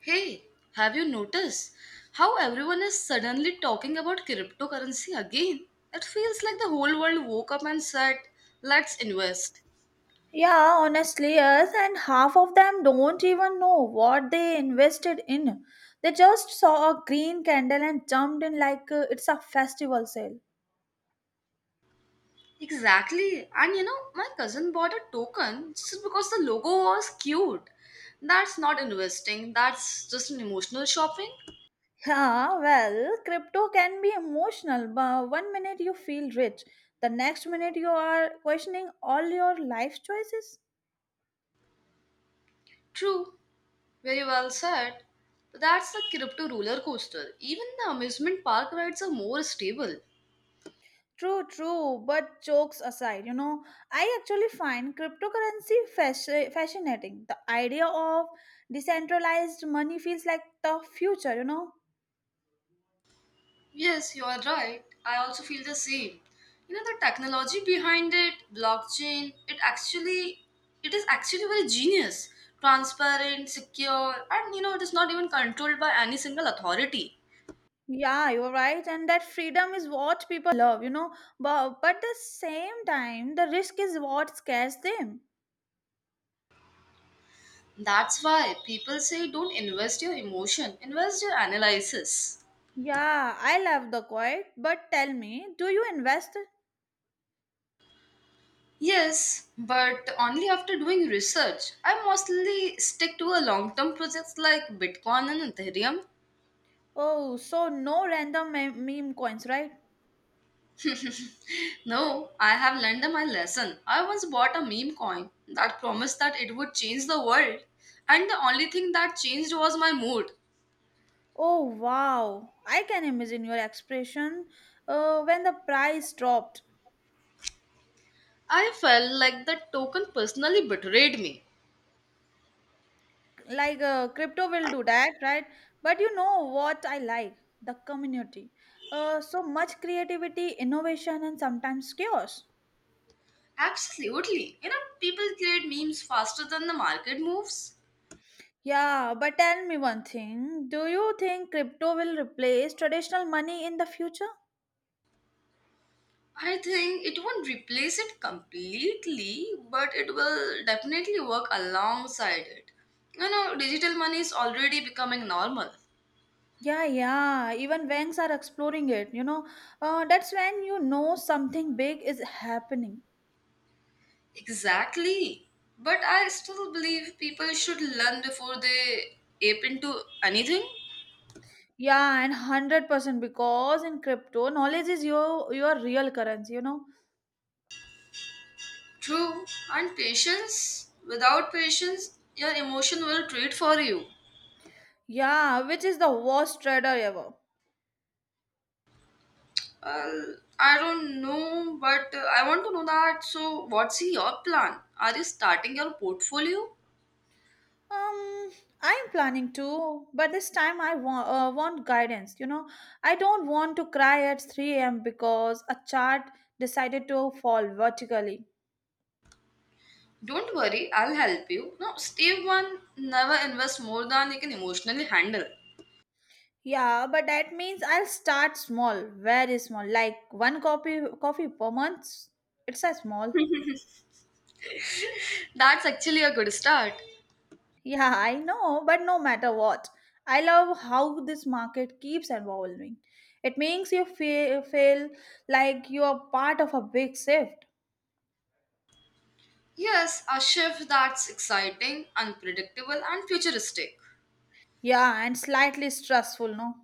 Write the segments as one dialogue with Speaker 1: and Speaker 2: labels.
Speaker 1: Hey, have you noticed how everyone is suddenly talking about cryptocurrency again? It feels like the whole world woke up and said, let's invest.
Speaker 2: Yeah, honestly, yes, and half of them don't even know what they invested in. They just saw a green candle and jumped in like it's a festival sale.
Speaker 1: Exactly. And you know, my cousin bought a token just because the logo was cute. That's not investing, that's just an emotional shopping.
Speaker 2: Yeah, well, crypto can be emotional, but one minute you feel rich, the next minute you are questioning all your life choices.
Speaker 1: True, very well said. But that's the crypto roller coaster. Even the amusement park rides are more stable.
Speaker 2: True, true, but jokes aside, I actually find fascinating. The idea of decentralized money feels like the future.
Speaker 1: Yes, you are right. I also feel the same. You know the technology behind it, blockchain, it is actually very genius, transparent, secure, and you know it is not even controlled by any single authority.
Speaker 2: Yeah, you're right. And that freedom is what people love. But the same time, the risk is what scares them.
Speaker 1: That's why people say don't invest your emotion, invest your analysis.
Speaker 2: Yeah, I love the quiet, but tell me, do you invest?
Speaker 1: Yes, but only after doing research. I mostly stick to a long-term projects like Bitcoin and Ethereum.
Speaker 2: Oh, so no random meme coins, right?
Speaker 1: No, I have learned my lesson. I once bought a meme coin that promised that it would change the world, and the only thing that changed was my mood.
Speaker 2: Oh, wow. I can imagine your expression when the price dropped.
Speaker 1: I felt like that token personally betrayed me.
Speaker 2: Like crypto will do that, right? But you know what I like? The community. So much creativity, innovation, and sometimes chaos.
Speaker 1: Absolutely. You know, people create memes faster than the market moves.
Speaker 2: Yeah, but tell me one thing. Do you think crypto will replace traditional money in the future?
Speaker 1: I think it won't replace it completely, but it will definitely work alongside it. You know, digital money is already becoming normal.
Speaker 2: Yeah, yeah. Even banks are exploring it. That's when you know something big is happening.
Speaker 1: Exactly. But I still believe people should learn before they ape into anything.
Speaker 2: Yeah, and 100% because in crypto, knowledge is your real currency. You know.
Speaker 1: True. And patience. Without patience, your emotion will treat for you.
Speaker 2: Yeah, which is the worst trader ever.
Speaker 1: Well, I don't know, but I want to know that. So, what's your plan? Are you starting your portfolio?
Speaker 2: Um, I'm planning to, but this time I want guidance. You know, I don't want to cry at 3 a.m. because a chart decided to fall vertically.
Speaker 1: Don't worry, I'll help you. No, step one never invest more than you can emotionally handle.
Speaker 2: Yeah, but that means I'll start small, very small, like one copy coffee per month. It's a small.
Speaker 1: That's actually a good start.
Speaker 2: Yeah, I know, but no matter what, I love how this market keeps evolving. It makes you feel like you are part of a big shift.
Speaker 1: Yes, a shift that's exciting, unpredictable, and futuristic.
Speaker 2: Yeah, and slightly stressful, no?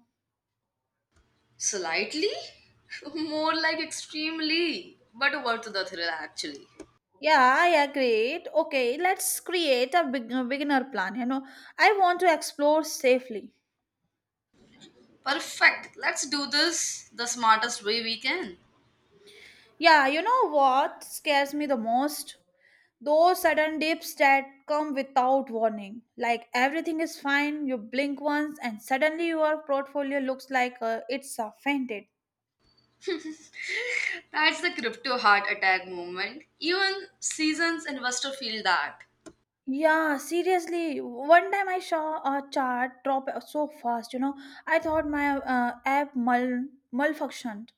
Speaker 1: Slightly? More like extremely, but worth the thrill actually.
Speaker 2: Yeah, I agree. Okay, let's create a beginner plan. You know, I want to explore safely.
Speaker 1: Perfect, let's do this the smartest way we can.
Speaker 2: Yeah, you know what scares me the most? Those sudden dips that come without warning. Like everything is fine, you blink once, and suddenly your portfolio looks like it's fainted.
Speaker 1: That's the crypto heart attack movement. Even seasons investor feel that.
Speaker 2: Yeah, seriously. One time I saw a chart drop so fast, you know. I thought my app malfunctioned.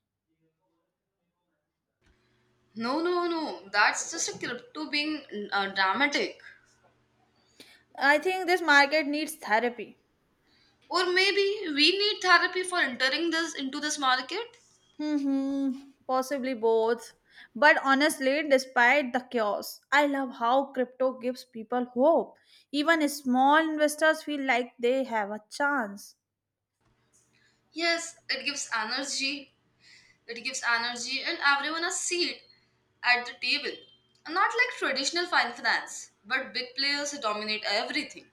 Speaker 1: No, no, no, that's just a crypto being dramatic.
Speaker 2: I think this market needs therapy.
Speaker 1: Or maybe we need therapy for entering this into this market.
Speaker 2: Hmm, possibly both. But honestly, despite the chaos, I love how crypto gives people hope. Even small investors feel like they have a chance.
Speaker 1: Yes, it gives energy. It gives energy and everyone a seat at the table. Not like traditional finance, but big players dominate everything.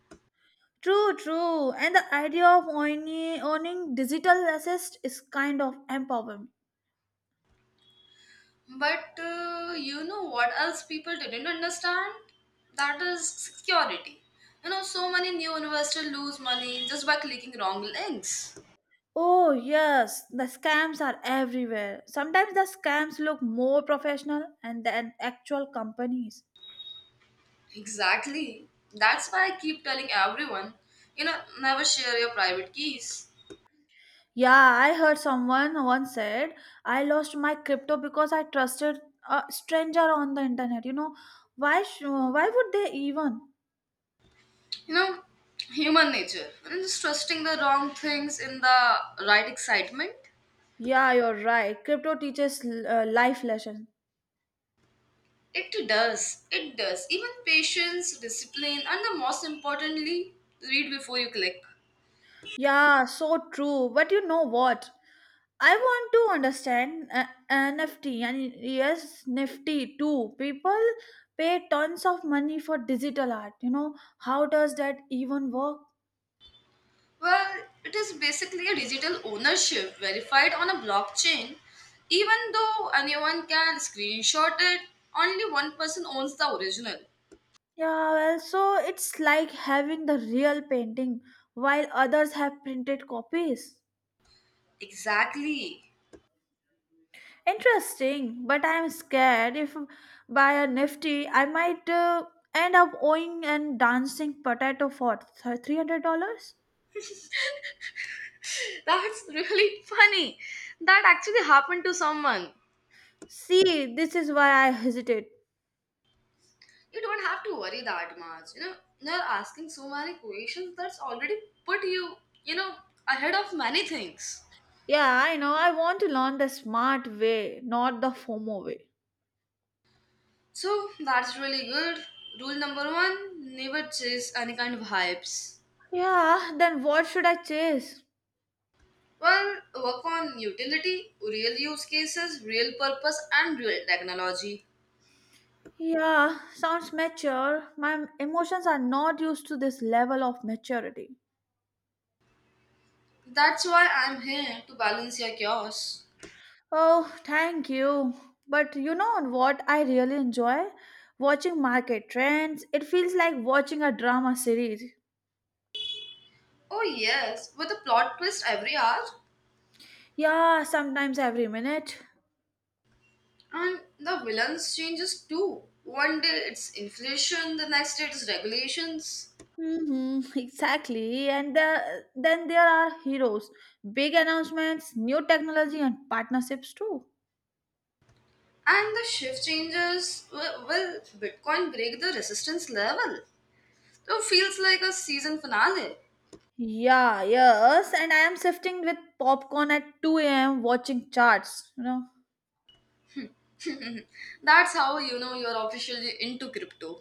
Speaker 2: True, true. And the idea of owning digital assets is kind of empowerment.
Speaker 1: But you know what else people didn't understand? That is security. You know, so many new investors lose money just by clicking wrong links.
Speaker 2: Oh, yes, the scams are everywhere. Sometimes the scams look more professional and than actual companies.
Speaker 1: Exactly. That's why I keep telling everyone, you know, never share your private keys.
Speaker 2: Yeah, I heard someone once said, I lost my crypto because I trusted a stranger on the internet. Why would they even?
Speaker 1: You know, human nature. And just trusting the wrong things in the right excitement.
Speaker 2: Yeah, you're right. Crypto teaches life lesson.
Speaker 1: It does. It does. Even patience, discipline, and the most importantly, read before you click.
Speaker 2: Yeah, so true. But you know what? I want to understand NFT and yes, Nifty too. People pay tons of money for digital art. You know, how does that even work?
Speaker 1: Well, it is basically a digital ownership verified on a blockchain. Even though anyone can screenshot it, only one person owns the original.
Speaker 2: Yeah, well, so it's like having the real painting while others have printed copies.
Speaker 1: Exactly.
Speaker 2: Interesting, but I'm scared if by a nifty I might end up owing and dancing potato for $300.
Speaker 1: That's really funny. That actually happened to someone.
Speaker 2: See, this is why I hesitate.
Speaker 1: You don't have to worry that much. You know, you're asking so many questions that's already put you, you know, ahead of many things.
Speaker 2: Yeah, I know, I want to learn the smart way, not the FOMO way.
Speaker 1: So that's really good. Rule number one never chase any kind of hypes.
Speaker 2: Yeah, then what should I chase?
Speaker 1: Well, work on utility, real use cases, real purpose, and real technology.
Speaker 2: Yeah, sounds mature. My emotions are not used to this level of maturity.
Speaker 1: That's why I'm here to balance your chaos.
Speaker 2: Oh, thank you. But you know what I really enjoy? Watching market trends. It feels like watching a drama series.
Speaker 1: Oh, yes, with a plot twist every hour,
Speaker 2: Yeah, sometimes every minute.
Speaker 1: and the villains changes too. One day it's inflation, the next day it's regulations,
Speaker 2: Hmm, exactly. And then there are heroes, big announcements, new technology, and partnerships too.
Speaker 1: and the shift changes. Will Bitcoin break the resistance level? So, it feels like a season finale.
Speaker 2: Yeah, yes. And I am shifting with popcorn at 2 a.m. watching charts, you know.
Speaker 1: That's how you know you're officially into crypto.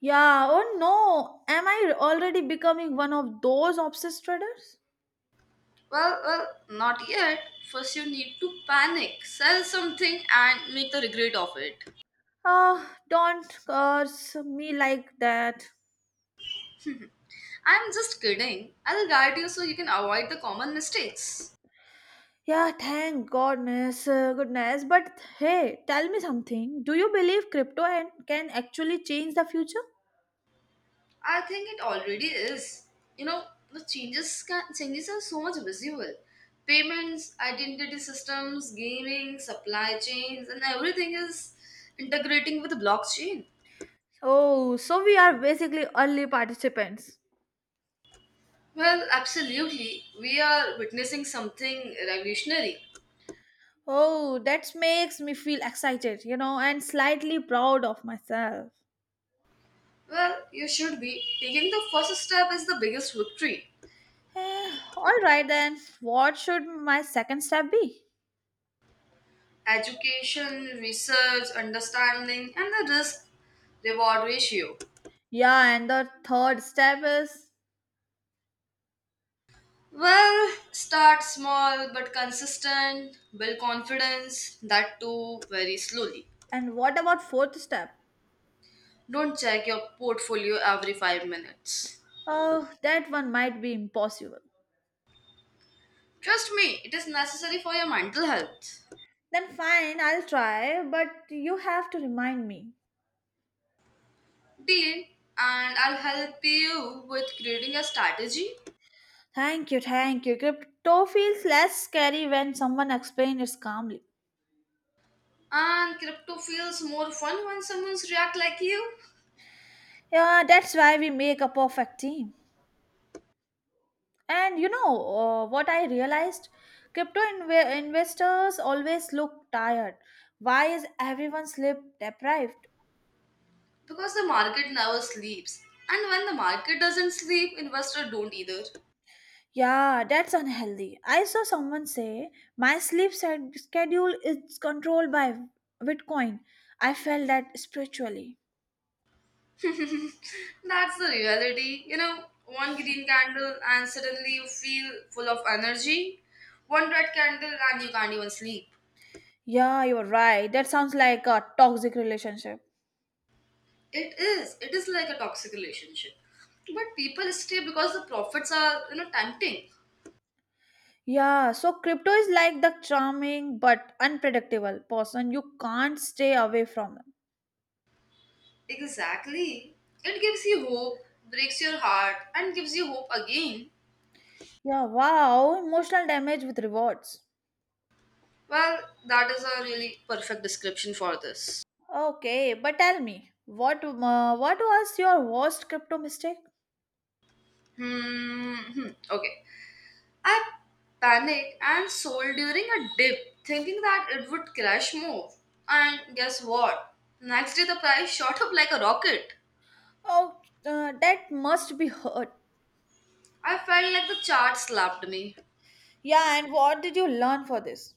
Speaker 2: Yeah, oh no. Am I already becoming one of those obsessed traders?
Speaker 1: Well, not yet. First, you need to panic, sell something, and make the regret of it.
Speaker 2: Ah, don't curse me like that.
Speaker 1: I'm just kidding. I'll guide you so you can avoid the common mistakes.
Speaker 2: Yeah, thank goodness. But hey, tell me something. Do you believe crypto and can actually change the future?
Speaker 1: I think it already is. You know, the changes are so much visible. Payments, identity systems, gaming, supply chains, and everything is integrating with blockchain.
Speaker 2: Oh, so we are basically early participants.
Speaker 1: Well, absolutely. We are witnessing something revolutionary.
Speaker 2: Oh, that makes me feel excited, you know, and slightly proud of myself.
Speaker 1: Well, you should be. Taking the first step is the biggest victory.
Speaker 2: Eh, all right then, what should my second step be?
Speaker 1: Education, research, understanding, and the risk reward ratio.
Speaker 2: Yeah, and the third step is
Speaker 1: Well, start small but consistent, build confidence, that too very slowly.
Speaker 2: and what about fourth step?
Speaker 1: Don't check your portfolio every 5 minutes.
Speaker 2: Oh, that one might be impossible.
Speaker 1: Trust me, it is necessary for your mental health.
Speaker 2: Then fine, I'll try, but you have to remind me.
Speaker 1: Deal, and I'll help you with creating a strategy.
Speaker 2: Thank you, thank you. Crypto feels less scary when someone explains it calmly.
Speaker 1: And crypto feels more fun when someone's react like you,
Speaker 2: Yeah, that's why we make a perfect team. And you know what I realized? Crypto investors always look tired. Why is everyone sleep deprived?
Speaker 1: because the market never sleeps. And when the market doesn't sleep, investors don't either.
Speaker 2: Yeah, that's unhealthy. I saw someone say my schedule is controlled by Bitcoin. I felt that spiritually.
Speaker 1: That's the reality. You know, one green candle and suddenly you feel full of energy. One red candle and you can't even sleep.
Speaker 2: Yeah, you're right. That sounds like a toxic relationship.
Speaker 1: It is. It is like a toxic relationship. But people stay because the profits are, you know, tempting.
Speaker 2: Yeah, so crypto is like the charming but unpredictable person you can't stay away from. Them.
Speaker 1: Exactly. It gives you hope, breaks your heart, and gives you hope again.
Speaker 2: Yeah, wow, emotional damage with rewards.
Speaker 1: Well, that is a really perfect description for this.
Speaker 2: Okay, but tell me, what was your worst crypto mistake?
Speaker 1: Okay. I panicked and sold during a dip, thinking that it would crash more. And guess what? Next day, the price shot up like a rocket.
Speaker 2: Oh, that must be hurt.
Speaker 1: I felt like the chart slapped me.
Speaker 2: Yeah, and what did you learn for this?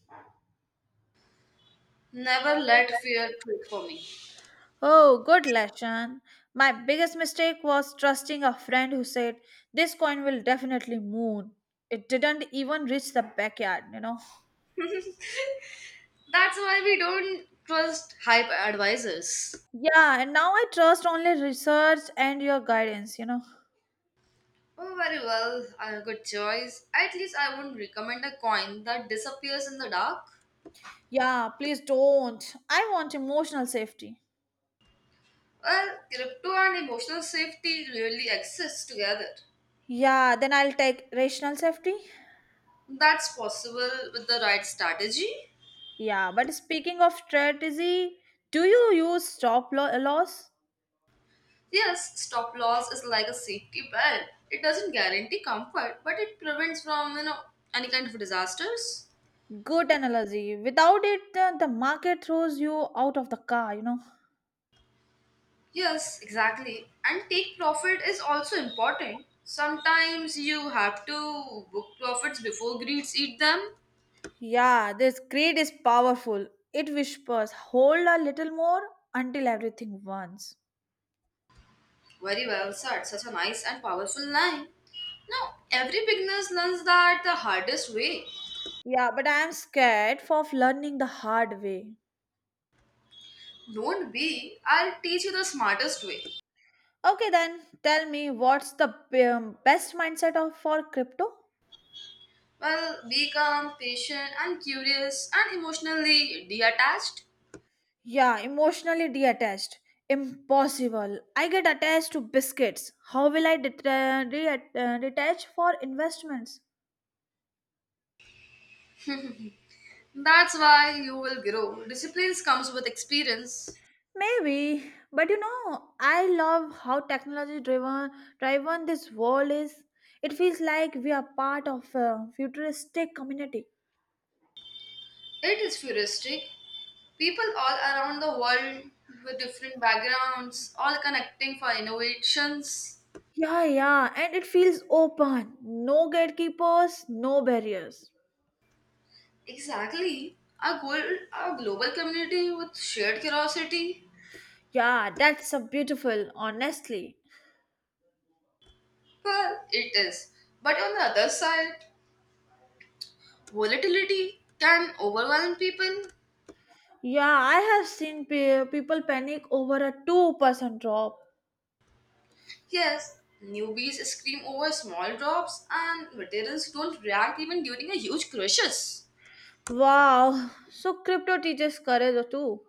Speaker 1: Never let fear trick for me.
Speaker 2: Oh, good lesson. My biggest mistake was trusting a friend who said, this coin will definitely moon. It didn't even reach the backyard, you know.
Speaker 1: That's why we don't trust hype advisors.
Speaker 2: Yeah, and now I trust only research and your guidance, you know.
Speaker 1: Oh, very well. Good choice. At least I wouldn't recommend a coin that disappears in the dark.
Speaker 2: Yeah, please don't. I want emotional safety.
Speaker 1: Well, crypto and emotional safety really exist together.
Speaker 2: Yeah, then I'll take rational safety.
Speaker 1: That's possible with the right strategy.
Speaker 2: Yeah, but speaking of strategy, do you use loss?
Speaker 1: Yes, stop loss is like a safety belt. It doesn't guarantee comfort, but it prevents from you know any kind of disasters.
Speaker 2: Good analogy. Without it, the market throws you out of the car, you know.
Speaker 1: Yes, exactly. And take profit is also important. Sometimes you have to book profits before greeds eat them.
Speaker 2: Yeah, this greed is powerful. It whispers, hold a little more until everything wants.
Speaker 1: Very well said. Such a nice and powerful line. Now, every beginner learns that the hardest way.
Speaker 2: Yeah, but I am scared of learning the hard way.
Speaker 1: Don't be, I'll teach you the smartest way.
Speaker 2: Okay, then tell me what's the best mindset of, for crypto?
Speaker 1: Well, be calm, patient, and curious, and emotionally detached.
Speaker 2: Yeah, emotionally detached. Impossible. I get attached to biscuits. How will I detach for investments?
Speaker 1: That's why you will grow. Discipline comes with experience.
Speaker 2: Maybe, but you know, I love how technology driven this world is. It feels like we are part of a futuristic community.
Speaker 1: It is futuristic. People all around the world with different backgrounds, all connecting for innovations.
Speaker 2: Yeah, yeah, and it feels open. No gatekeepers, no barriers.
Speaker 1: Exactly. Our goal, our global community with shared curiosity.
Speaker 2: Yeah, that's a beautiful, honestly.
Speaker 1: Well, it is. But on the other side, volatility can overwhelm people.
Speaker 2: Yeah, I have seen people panic over a 2% drop.
Speaker 1: Yes, newbies scream over small drops, and veterans don't react even during a huge crisis.
Speaker 2: Wow, so crypto teaches courage too.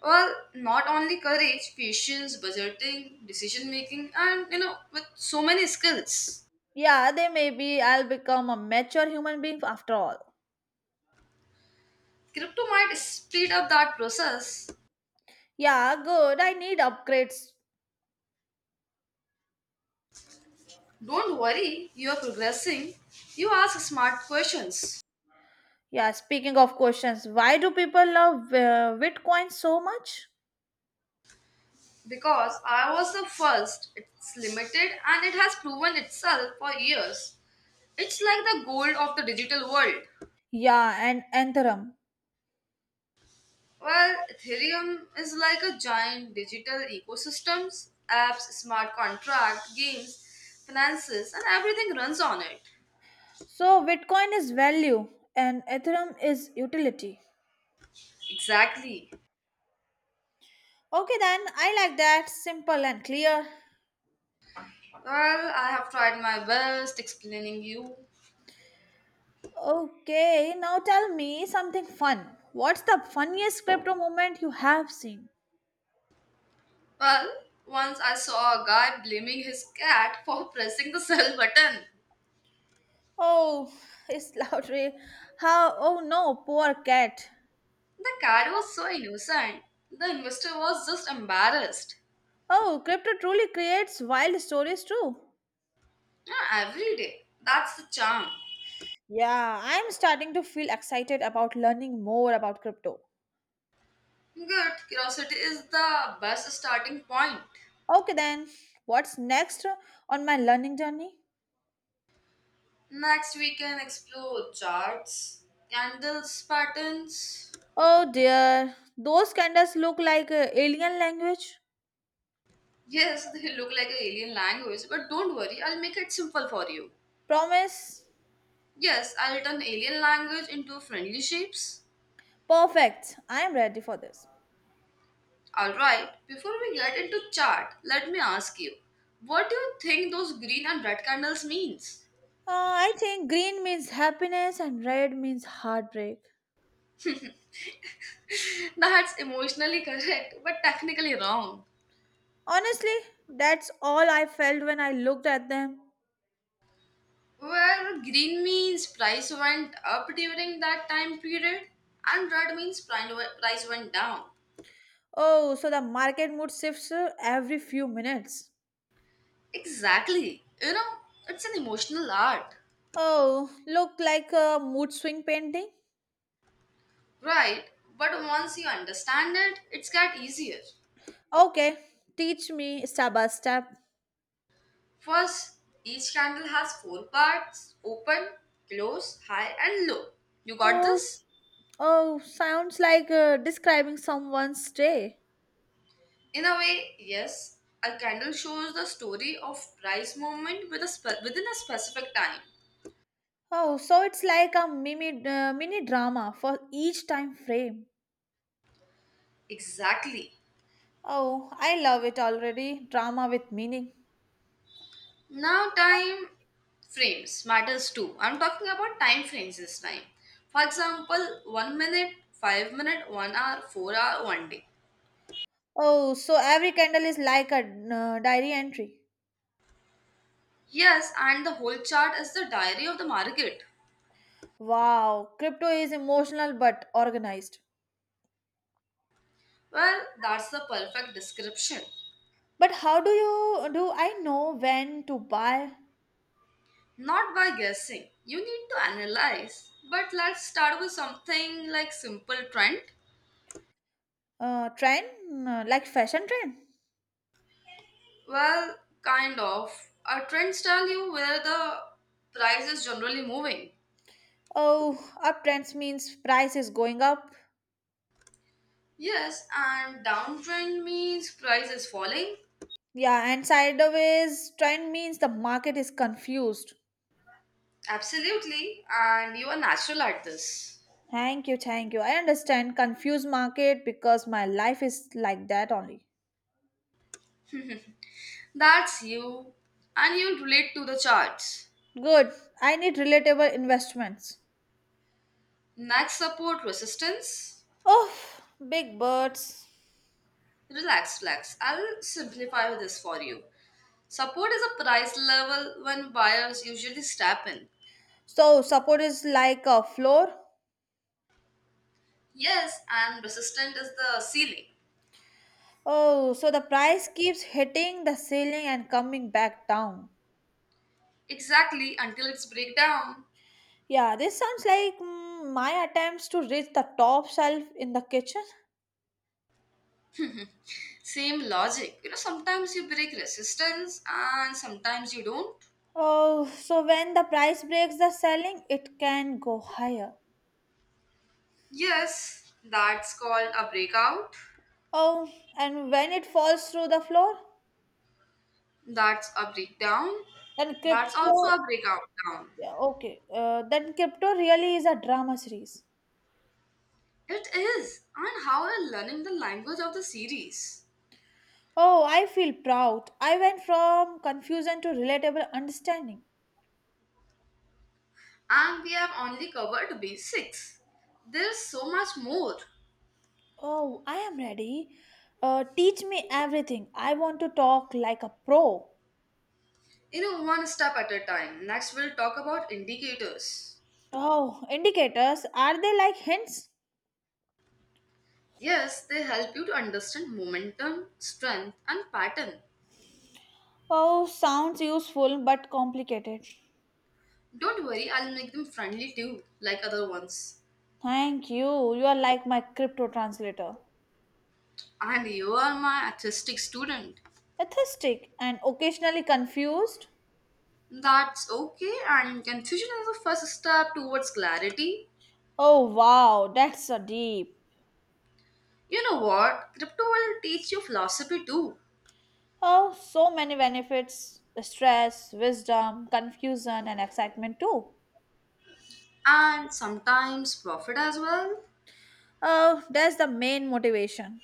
Speaker 1: Well, not only courage, patience, budgeting, decision making, and you know, with so many skills.
Speaker 2: Yeah, they maybe I'll become a mature human being after all.
Speaker 1: Crypto might speed up that process.
Speaker 2: Yeah, good. I need upgrades.
Speaker 1: Don't worry, you're progressing. You ask smart questions.
Speaker 2: Yeah, speaking of questions, why do people love Bitcoin so much?
Speaker 1: Because I was the first, it's limited and it has proven itself for years. It's like the gold of the digital world.
Speaker 2: Yeah, and Ethereum.
Speaker 1: Well, Ethereum is like a giant digital ecosystems, apps, smart contract, games, finances, and everything runs on it.
Speaker 2: So, Bitcoin is value and Ethereum is utility.
Speaker 1: Exactly.
Speaker 2: Okay, then I like that. Simple and clear.
Speaker 1: Well, I have tried my best explaining you.
Speaker 2: Okay, now tell me something fun. What's the funniest crypto moment you have seen?
Speaker 1: Well, once I saw a guy blaming his cat for pressing the sell button.
Speaker 2: Oh, it's lottery. How? Oh no, poor cat.
Speaker 1: The cat was so innocent. The investor was just embarrassed.
Speaker 2: Oh, crypto truly creates wild stories too.
Speaker 1: Yeah, every day. That's the charm.
Speaker 2: Yeah, I'm starting to feel excited about learning more about crypto.
Speaker 1: Good. Curiosity is the best starting point.
Speaker 2: Okay, then, what's next on my learning journey?
Speaker 1: Next, we can explore charts, candles, patterns.
Speaker 2: Oh dear, those candles look like alien language.
Speaker 1: Yes, they look like an alien language, but don't worry, I'll make it simple for you.
Speaker 2: Promise?
Speaker 1: Yes, I'll turn alien language into friendly shapes.
Speaker 2: Perfect, I am ready for this.
Speaker 1: Alright, before we get into chart, let me ask you, what do you think those green and red candles means?
Speaker 2: I think green means happiness and red means heartbreak.
Speaker 1: That's emotionally correct, but technically wrong.
Speaker 2: Honestly, that's all I felt when I looked at them.
Speaker 1: Where green means price went up during that time period, and red means price went down.
Speaker 2: Oh, so the market mood shifts every few minutes.
Speaker 1: Exactly. You know, it's an emotional art.
Speaker 2: Oh, look like a mood swing painting.
Speaker 1: Right, but once you understand it, it's got easier.
Speaker 2: Okay, teach me step by step.
Speaker 1: First, each candle has four parts open, close, high, and low. You got
Speaker 2: Oh,
Speaker 1: this?
Speaker 2: oh, sounds like describing someone's day.
Speaker 1: In a way, yes. A candle shows the story of price movement with a within a specific time.
Speaker 2: Oh, so it's like a mini drama for each time frame.
Speaker 1: Exactly.
Speaker 2: Oh, I love it already. Drama with meaning.
Speaker 1: Now, time frames matters too. I'm talking about time frames this time. For example, 1 minute, 5 minute, 1 hour, 4 hour, 1 day.
Speaker 2: Oh, so every candle is like a diary entry.
Speaker 1: Yes, and the whole chart is the diary of the market.
Speaker 2: Wow, crypto is emotional but organized.
Speaker 1: Well, that's the perfect description.
Speaker 2: But how do you do I know when to buy
Speaker 1: Not by guessing. You need to analyze. But let's start with something like simple trend.
Speaker 2: a trend like fashion trend?
Speaker 1: Well, kind of. Our trends tell you where the price is generally moving.
Speaker 2: Oh, uptrend means price is going up.
Speaker 1: Yes, and downtrend means price is falling.
Speaker 2: Yeah, and sideways trend means the market is confused.
Speaker 1: Absolutely. And you are natural at this.
Speaker 2: Thank you, thank you. I understand confused market because my life is like that only.
Speaker 1: That's you. And you'll relate to the charts.
Speaker 2: Good. I need relatable investments.
Speaker 1: Next, support resistance.
Speaker 2: Oh, big birds.
Speaker 1: Relax, relax. I'll simplify this for you. Support is a price level when buyers usually step in.
Speaker 2: So support is like a floor.
Speaker 1: Yes, and resistance is the ceiling.
Speaker 2: Oh, so the price keeps hitting the ceiling and coming back down.
Speaker 1: Exactly, until it's breakdown.
Speaker 2: Yeah, this sounds like my attempts to reach the top shelf in the kitchen.
Speaker 1: Same logic. You know, sometimes you break resistance and sometimes you don't.
Speaker 2: Oh, so when the price breaks the selling, it can go higher.
Speaker 1: Yes, that's called a breakout.
Speaker 2: Oh, and when it falls through the floor,
Speaker 1: That's a breakdown.
Speaker 2: then
Speaker 1: That's also
Speaker 2: crypto.
Speaker 1: a breakout down.
Speaker 2: Yeah, okay, then crypto really is a drama series.
Speaker 1: It is. And how we're learning the language of the series.
Speaker 2: Oh, I feel proud. I went from confusion to relatable understanding.
Speaker 1: And we have only covered basics. There's so much more.
Speaker 2: Oh, I am ready. Teach me everything. I want to talk like a pro.
Speaker 1: You know, one step at a time. Next, we'll talk about indicators.
Speaker 2: Oh, indicators are they like hints?
Speaker 1: Yes, they help you to understand momentum, strength, and pattern.
Speaker 2: Oh, sounds useful but complicated.
Speaker 1: Don't worry, I'll make them friendly too, like other ones.
Speaker 2: Thank you. You are like my crypto translator.
Speaker 1: And you are my artistic student.
Speaker 2: Atheistic and occasionally confused.
Speaker 1: That's okay, and confusion is the first step towards clarity.
Speaker 2: Oh wow, that's a deep.
Speaker 1: You know what? Crypto will teach you philosophy too,
Speaker 2: Oh, so many benefits stress, wisdom, confusion, and excitement too.
Speaker 1: and sometimes profit as well.
Speaker 2: Oh, that's the main motivation.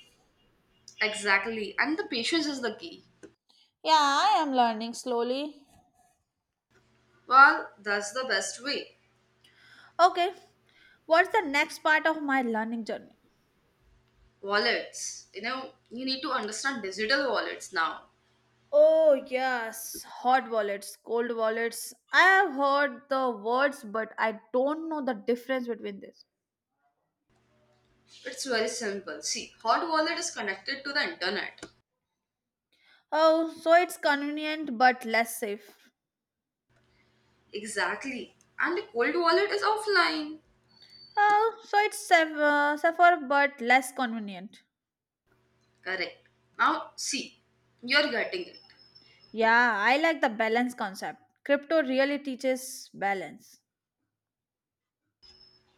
Speaker 1: Exactly, and the patience is the key.
Speaker 2: Yeah, I am learning slowly.
Speaker 1: Well, that's the best way.
Speaker 2: Okay, what's the next part of my learning journey?
Speaker 1: Wallets. You know, you need to understand digital wallets now.
Speaker 2: Oh, yes, hot wallets, cold wallets. I have heard the words, but I don't know the difference between this.
Speaker 1: It's very simple. See, hot wallet is connected to the internet.
Speaker 2: Oh, so it's convenient but less safe.
Speaker 1: Exactly. And the cold wallet is offline.
Speaker 2: Oh, so it's safer but less convenient.
Speaker 1: Correct. Now, see, you're getting it.
Speaker 2: Yeah, I like the balance concept. Crypto really teaches balance.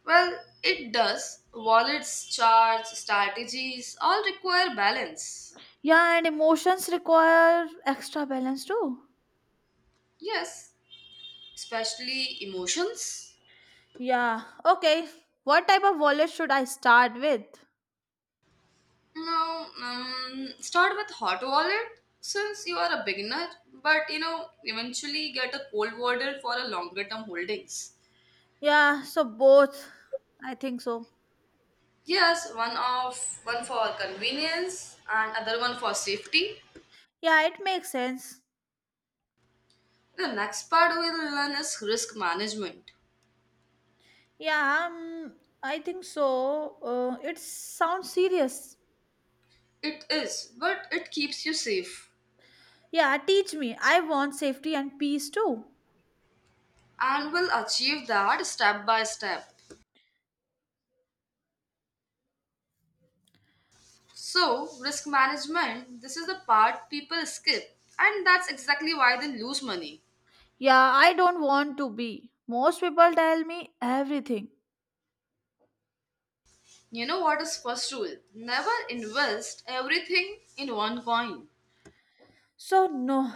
Speaker 1: Well, it does. Wallets, charts, strategies all require balance.
Speaker 2: Yeah, and emotions require extra balance too.
Speaker 1: Yes, especially emotions.
Speaker 2: Yeah, okay. What type of wallet should I start with?
Speaker 1: No, start with hot wallet since you are a beginner, but you know, eventually get a cold wallet for a longer term holdings.
Speaker 2: Yeah, so both. I think so.
Speaker 1: Yes, one for convenience and other one for safety.
Speaker 2: Yeah, it makes sense.
Speaker 1: The next part we'll learn is risk management.
Speaker 2: Yeah, I think so. It sounds serious.
Speaker 1: It is, but it keeps you safe
Speaker 2: Yeah, teach me. I want safety and peace too.
Speaker 1: and will achieve that step by step. So, risk management, this is the part people skip, and that's exactly why they lose money.
Speaker 2: Yeah, I don't want to be. Most people tell me everything.
Speaker 1: You know what is first rule? Never invest everything in one coin.
Speaker 2: So, no.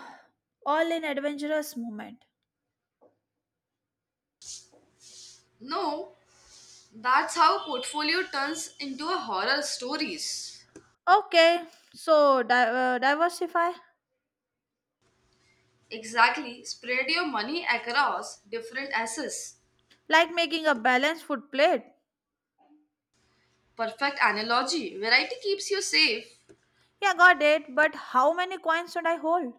Speaker 2: All in adventurous moment.
Speaker 1: No, that's how portfolio turns into a horror stories.
Speaker 2: Okay, so diversify.
Speaker 1: Exactly, spread your money across different assets.
Speaker 2: Like making a balanced food plate.
Speaker 1: Perfect analogy. Variety keeps you safe.
Speaker 2: Yeah, got it. But how many coins should I hold?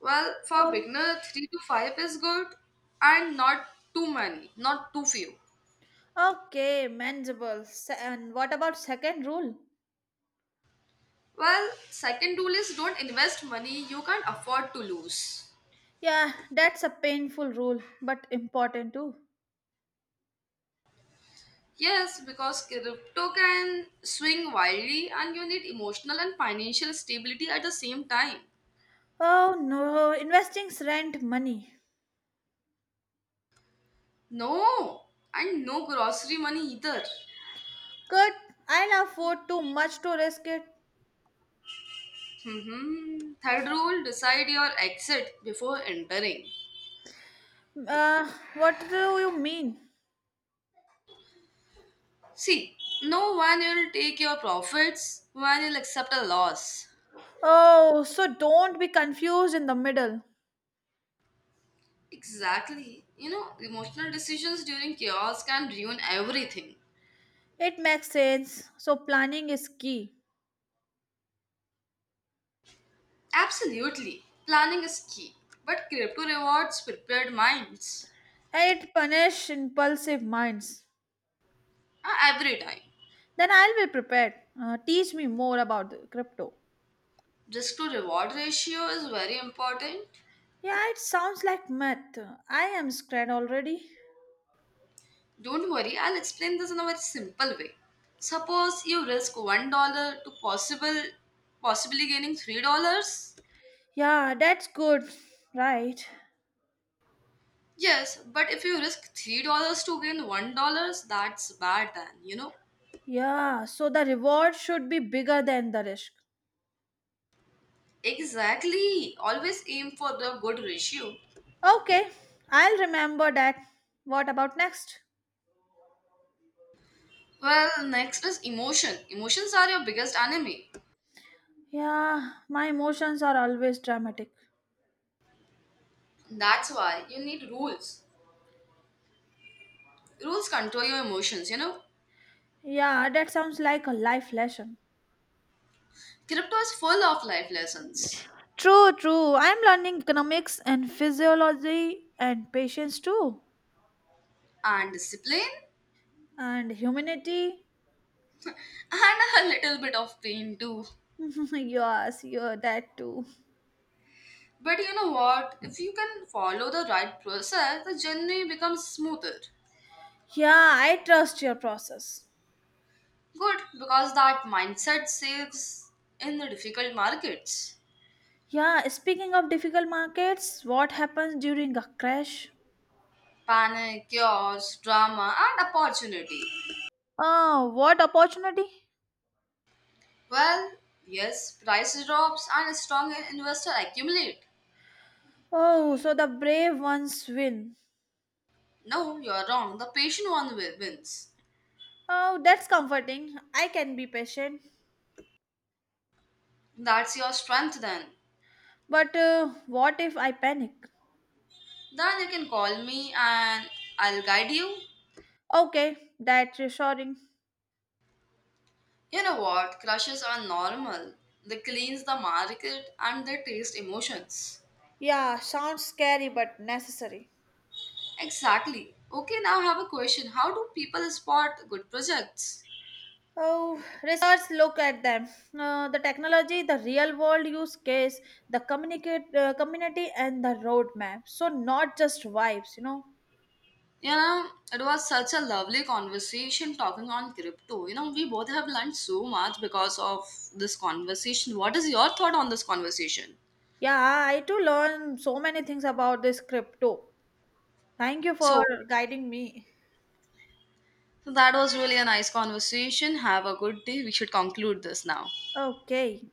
Speaker 1: Well, for
Speaker 2: Oh.
Speaker 1: beginner, 3 to 5 is good and not too many, not too few.
Speaker 2: Okay, manageable. And what about second rule?
Speaker 1: Well, second rule is don't invest money you can't afford to lose.
Speaker 2: Yeah, that's a painful rule, but important too.
Speaker 1: Yes, because crypto can swing wildly and you need emotional and financial stability at the same time.
Speaker 2: Oh no, investing's rent money.
Speaker 1: No, and no grocery money either.
Speaker 2: Good. I love food too much to risk it?
Speaker 1: Third rule decide your exit before entering.
Speaker 2: Uh, what do you mean?
Speaker 1: See, no one will take your profits when you'll accept a loss.
Speaker 2: Oh, so don't be confused in the middle.
Speaker 1: Exactly. You know, emotional decisions during chaos can ruin everything.
Speaker 2: It makes sense. So planning is key.
Speaker 1: Absolutely. Planning is key, but crypto rewards prepared minds.
Speaker 2: And it punish impulsive minds.
Speaker 1: Every time.
Speaker 2: Then I'll be prepared. Teach me more about the crypto.
Speaker 1: Risk to reward ratio is very important.
Speaker 2: Yeah, it sounds like math. I am scared already.
Speaker 1: Don't worry, I'll explain this in a very simple way. Suppose you risk $1 to possible possibly gaining $3.
Speaker 2: Yeah, that's good. Right.
Speaker 1: Yes, but if you risk $3 to gain $1, that's bad then, you know?
Speaker 2: Yeah, so the reward should be bigger than the risk.
Speaker 1: Exactly. Always aim for the good ratio.
Speaker 2: Okay, I'll remember that. What about next?
Speaker 1: Well, next is emotion. Emotions are your biggest enemy.
Speaker 2: Yeah, my emotions are always dramatic.
Speaker 1: That's why you need rules. Rules control your emotions, you know?
Speaker 2: Yeah, that sounds like a life lesson.
Speaker 1: Crypto is full of life lessons
Speaker 2: True, true. I'm learning economics and physiology and patience too.
Speaker 1: and discipline
Speaker 2: And humanity.
Speaker 1: and a little bit of pain too.
Speaker 2: Yes, you're that too.
Speaker 1: But you know what? If you can follow the right process, the journey becomes smoother.
Speaker 2: Yeah, I trust your process.
Speaker 1: Good, because that mindset saves in the difficult markets.
Speaker 2: Yeah, speaking of difficult markets, what happens during a crash?
Speaker 1: Panic, chaos, drama, and opportunity.
Speaker 2: Oh, what opportunity?
Speaker 1: Well, yes, price drops and a strong investor accumulate.
Speaker 2: Oh, so the brave ones win.
Speaker 1: No, you're wrong. The patient one wins.
Speaker 2: Oh, that's comforting. I can be patient.
Speaker 1: That's your strength then.
Speaker 2: But what if I panic?
Speaker 1: Then you can call me and I'll guide you.
Speaker 2: Okay, that's reassuring.
Speaker 1: You know what? Crushes are normal. They cleanse the market and they taste emotions.
Speaker 2: Yeah, sounds scary but necessary.
Speaker 1: Exactly. Okay, now I have a question. How do people spot good projects?
Speaker 2: Oh, research look at them. The technology, the real world use case, the communicate community, and the roadmap. So not just vibes, you know.
Speaker 1: You know, it was such a lovely conversation talking on crypto. You know, we both have learned so much because of this conversation. What is your thought on this conversation?
Speaker 2: Yeah, I too learn so many things about this crypto. Thank you for
Speaker 1: So,
Speaker 2: guiding me.
Speaker 1: so that was really a nice conversation. Have a good day. We should conclude this now.
Speaker 2: Okay.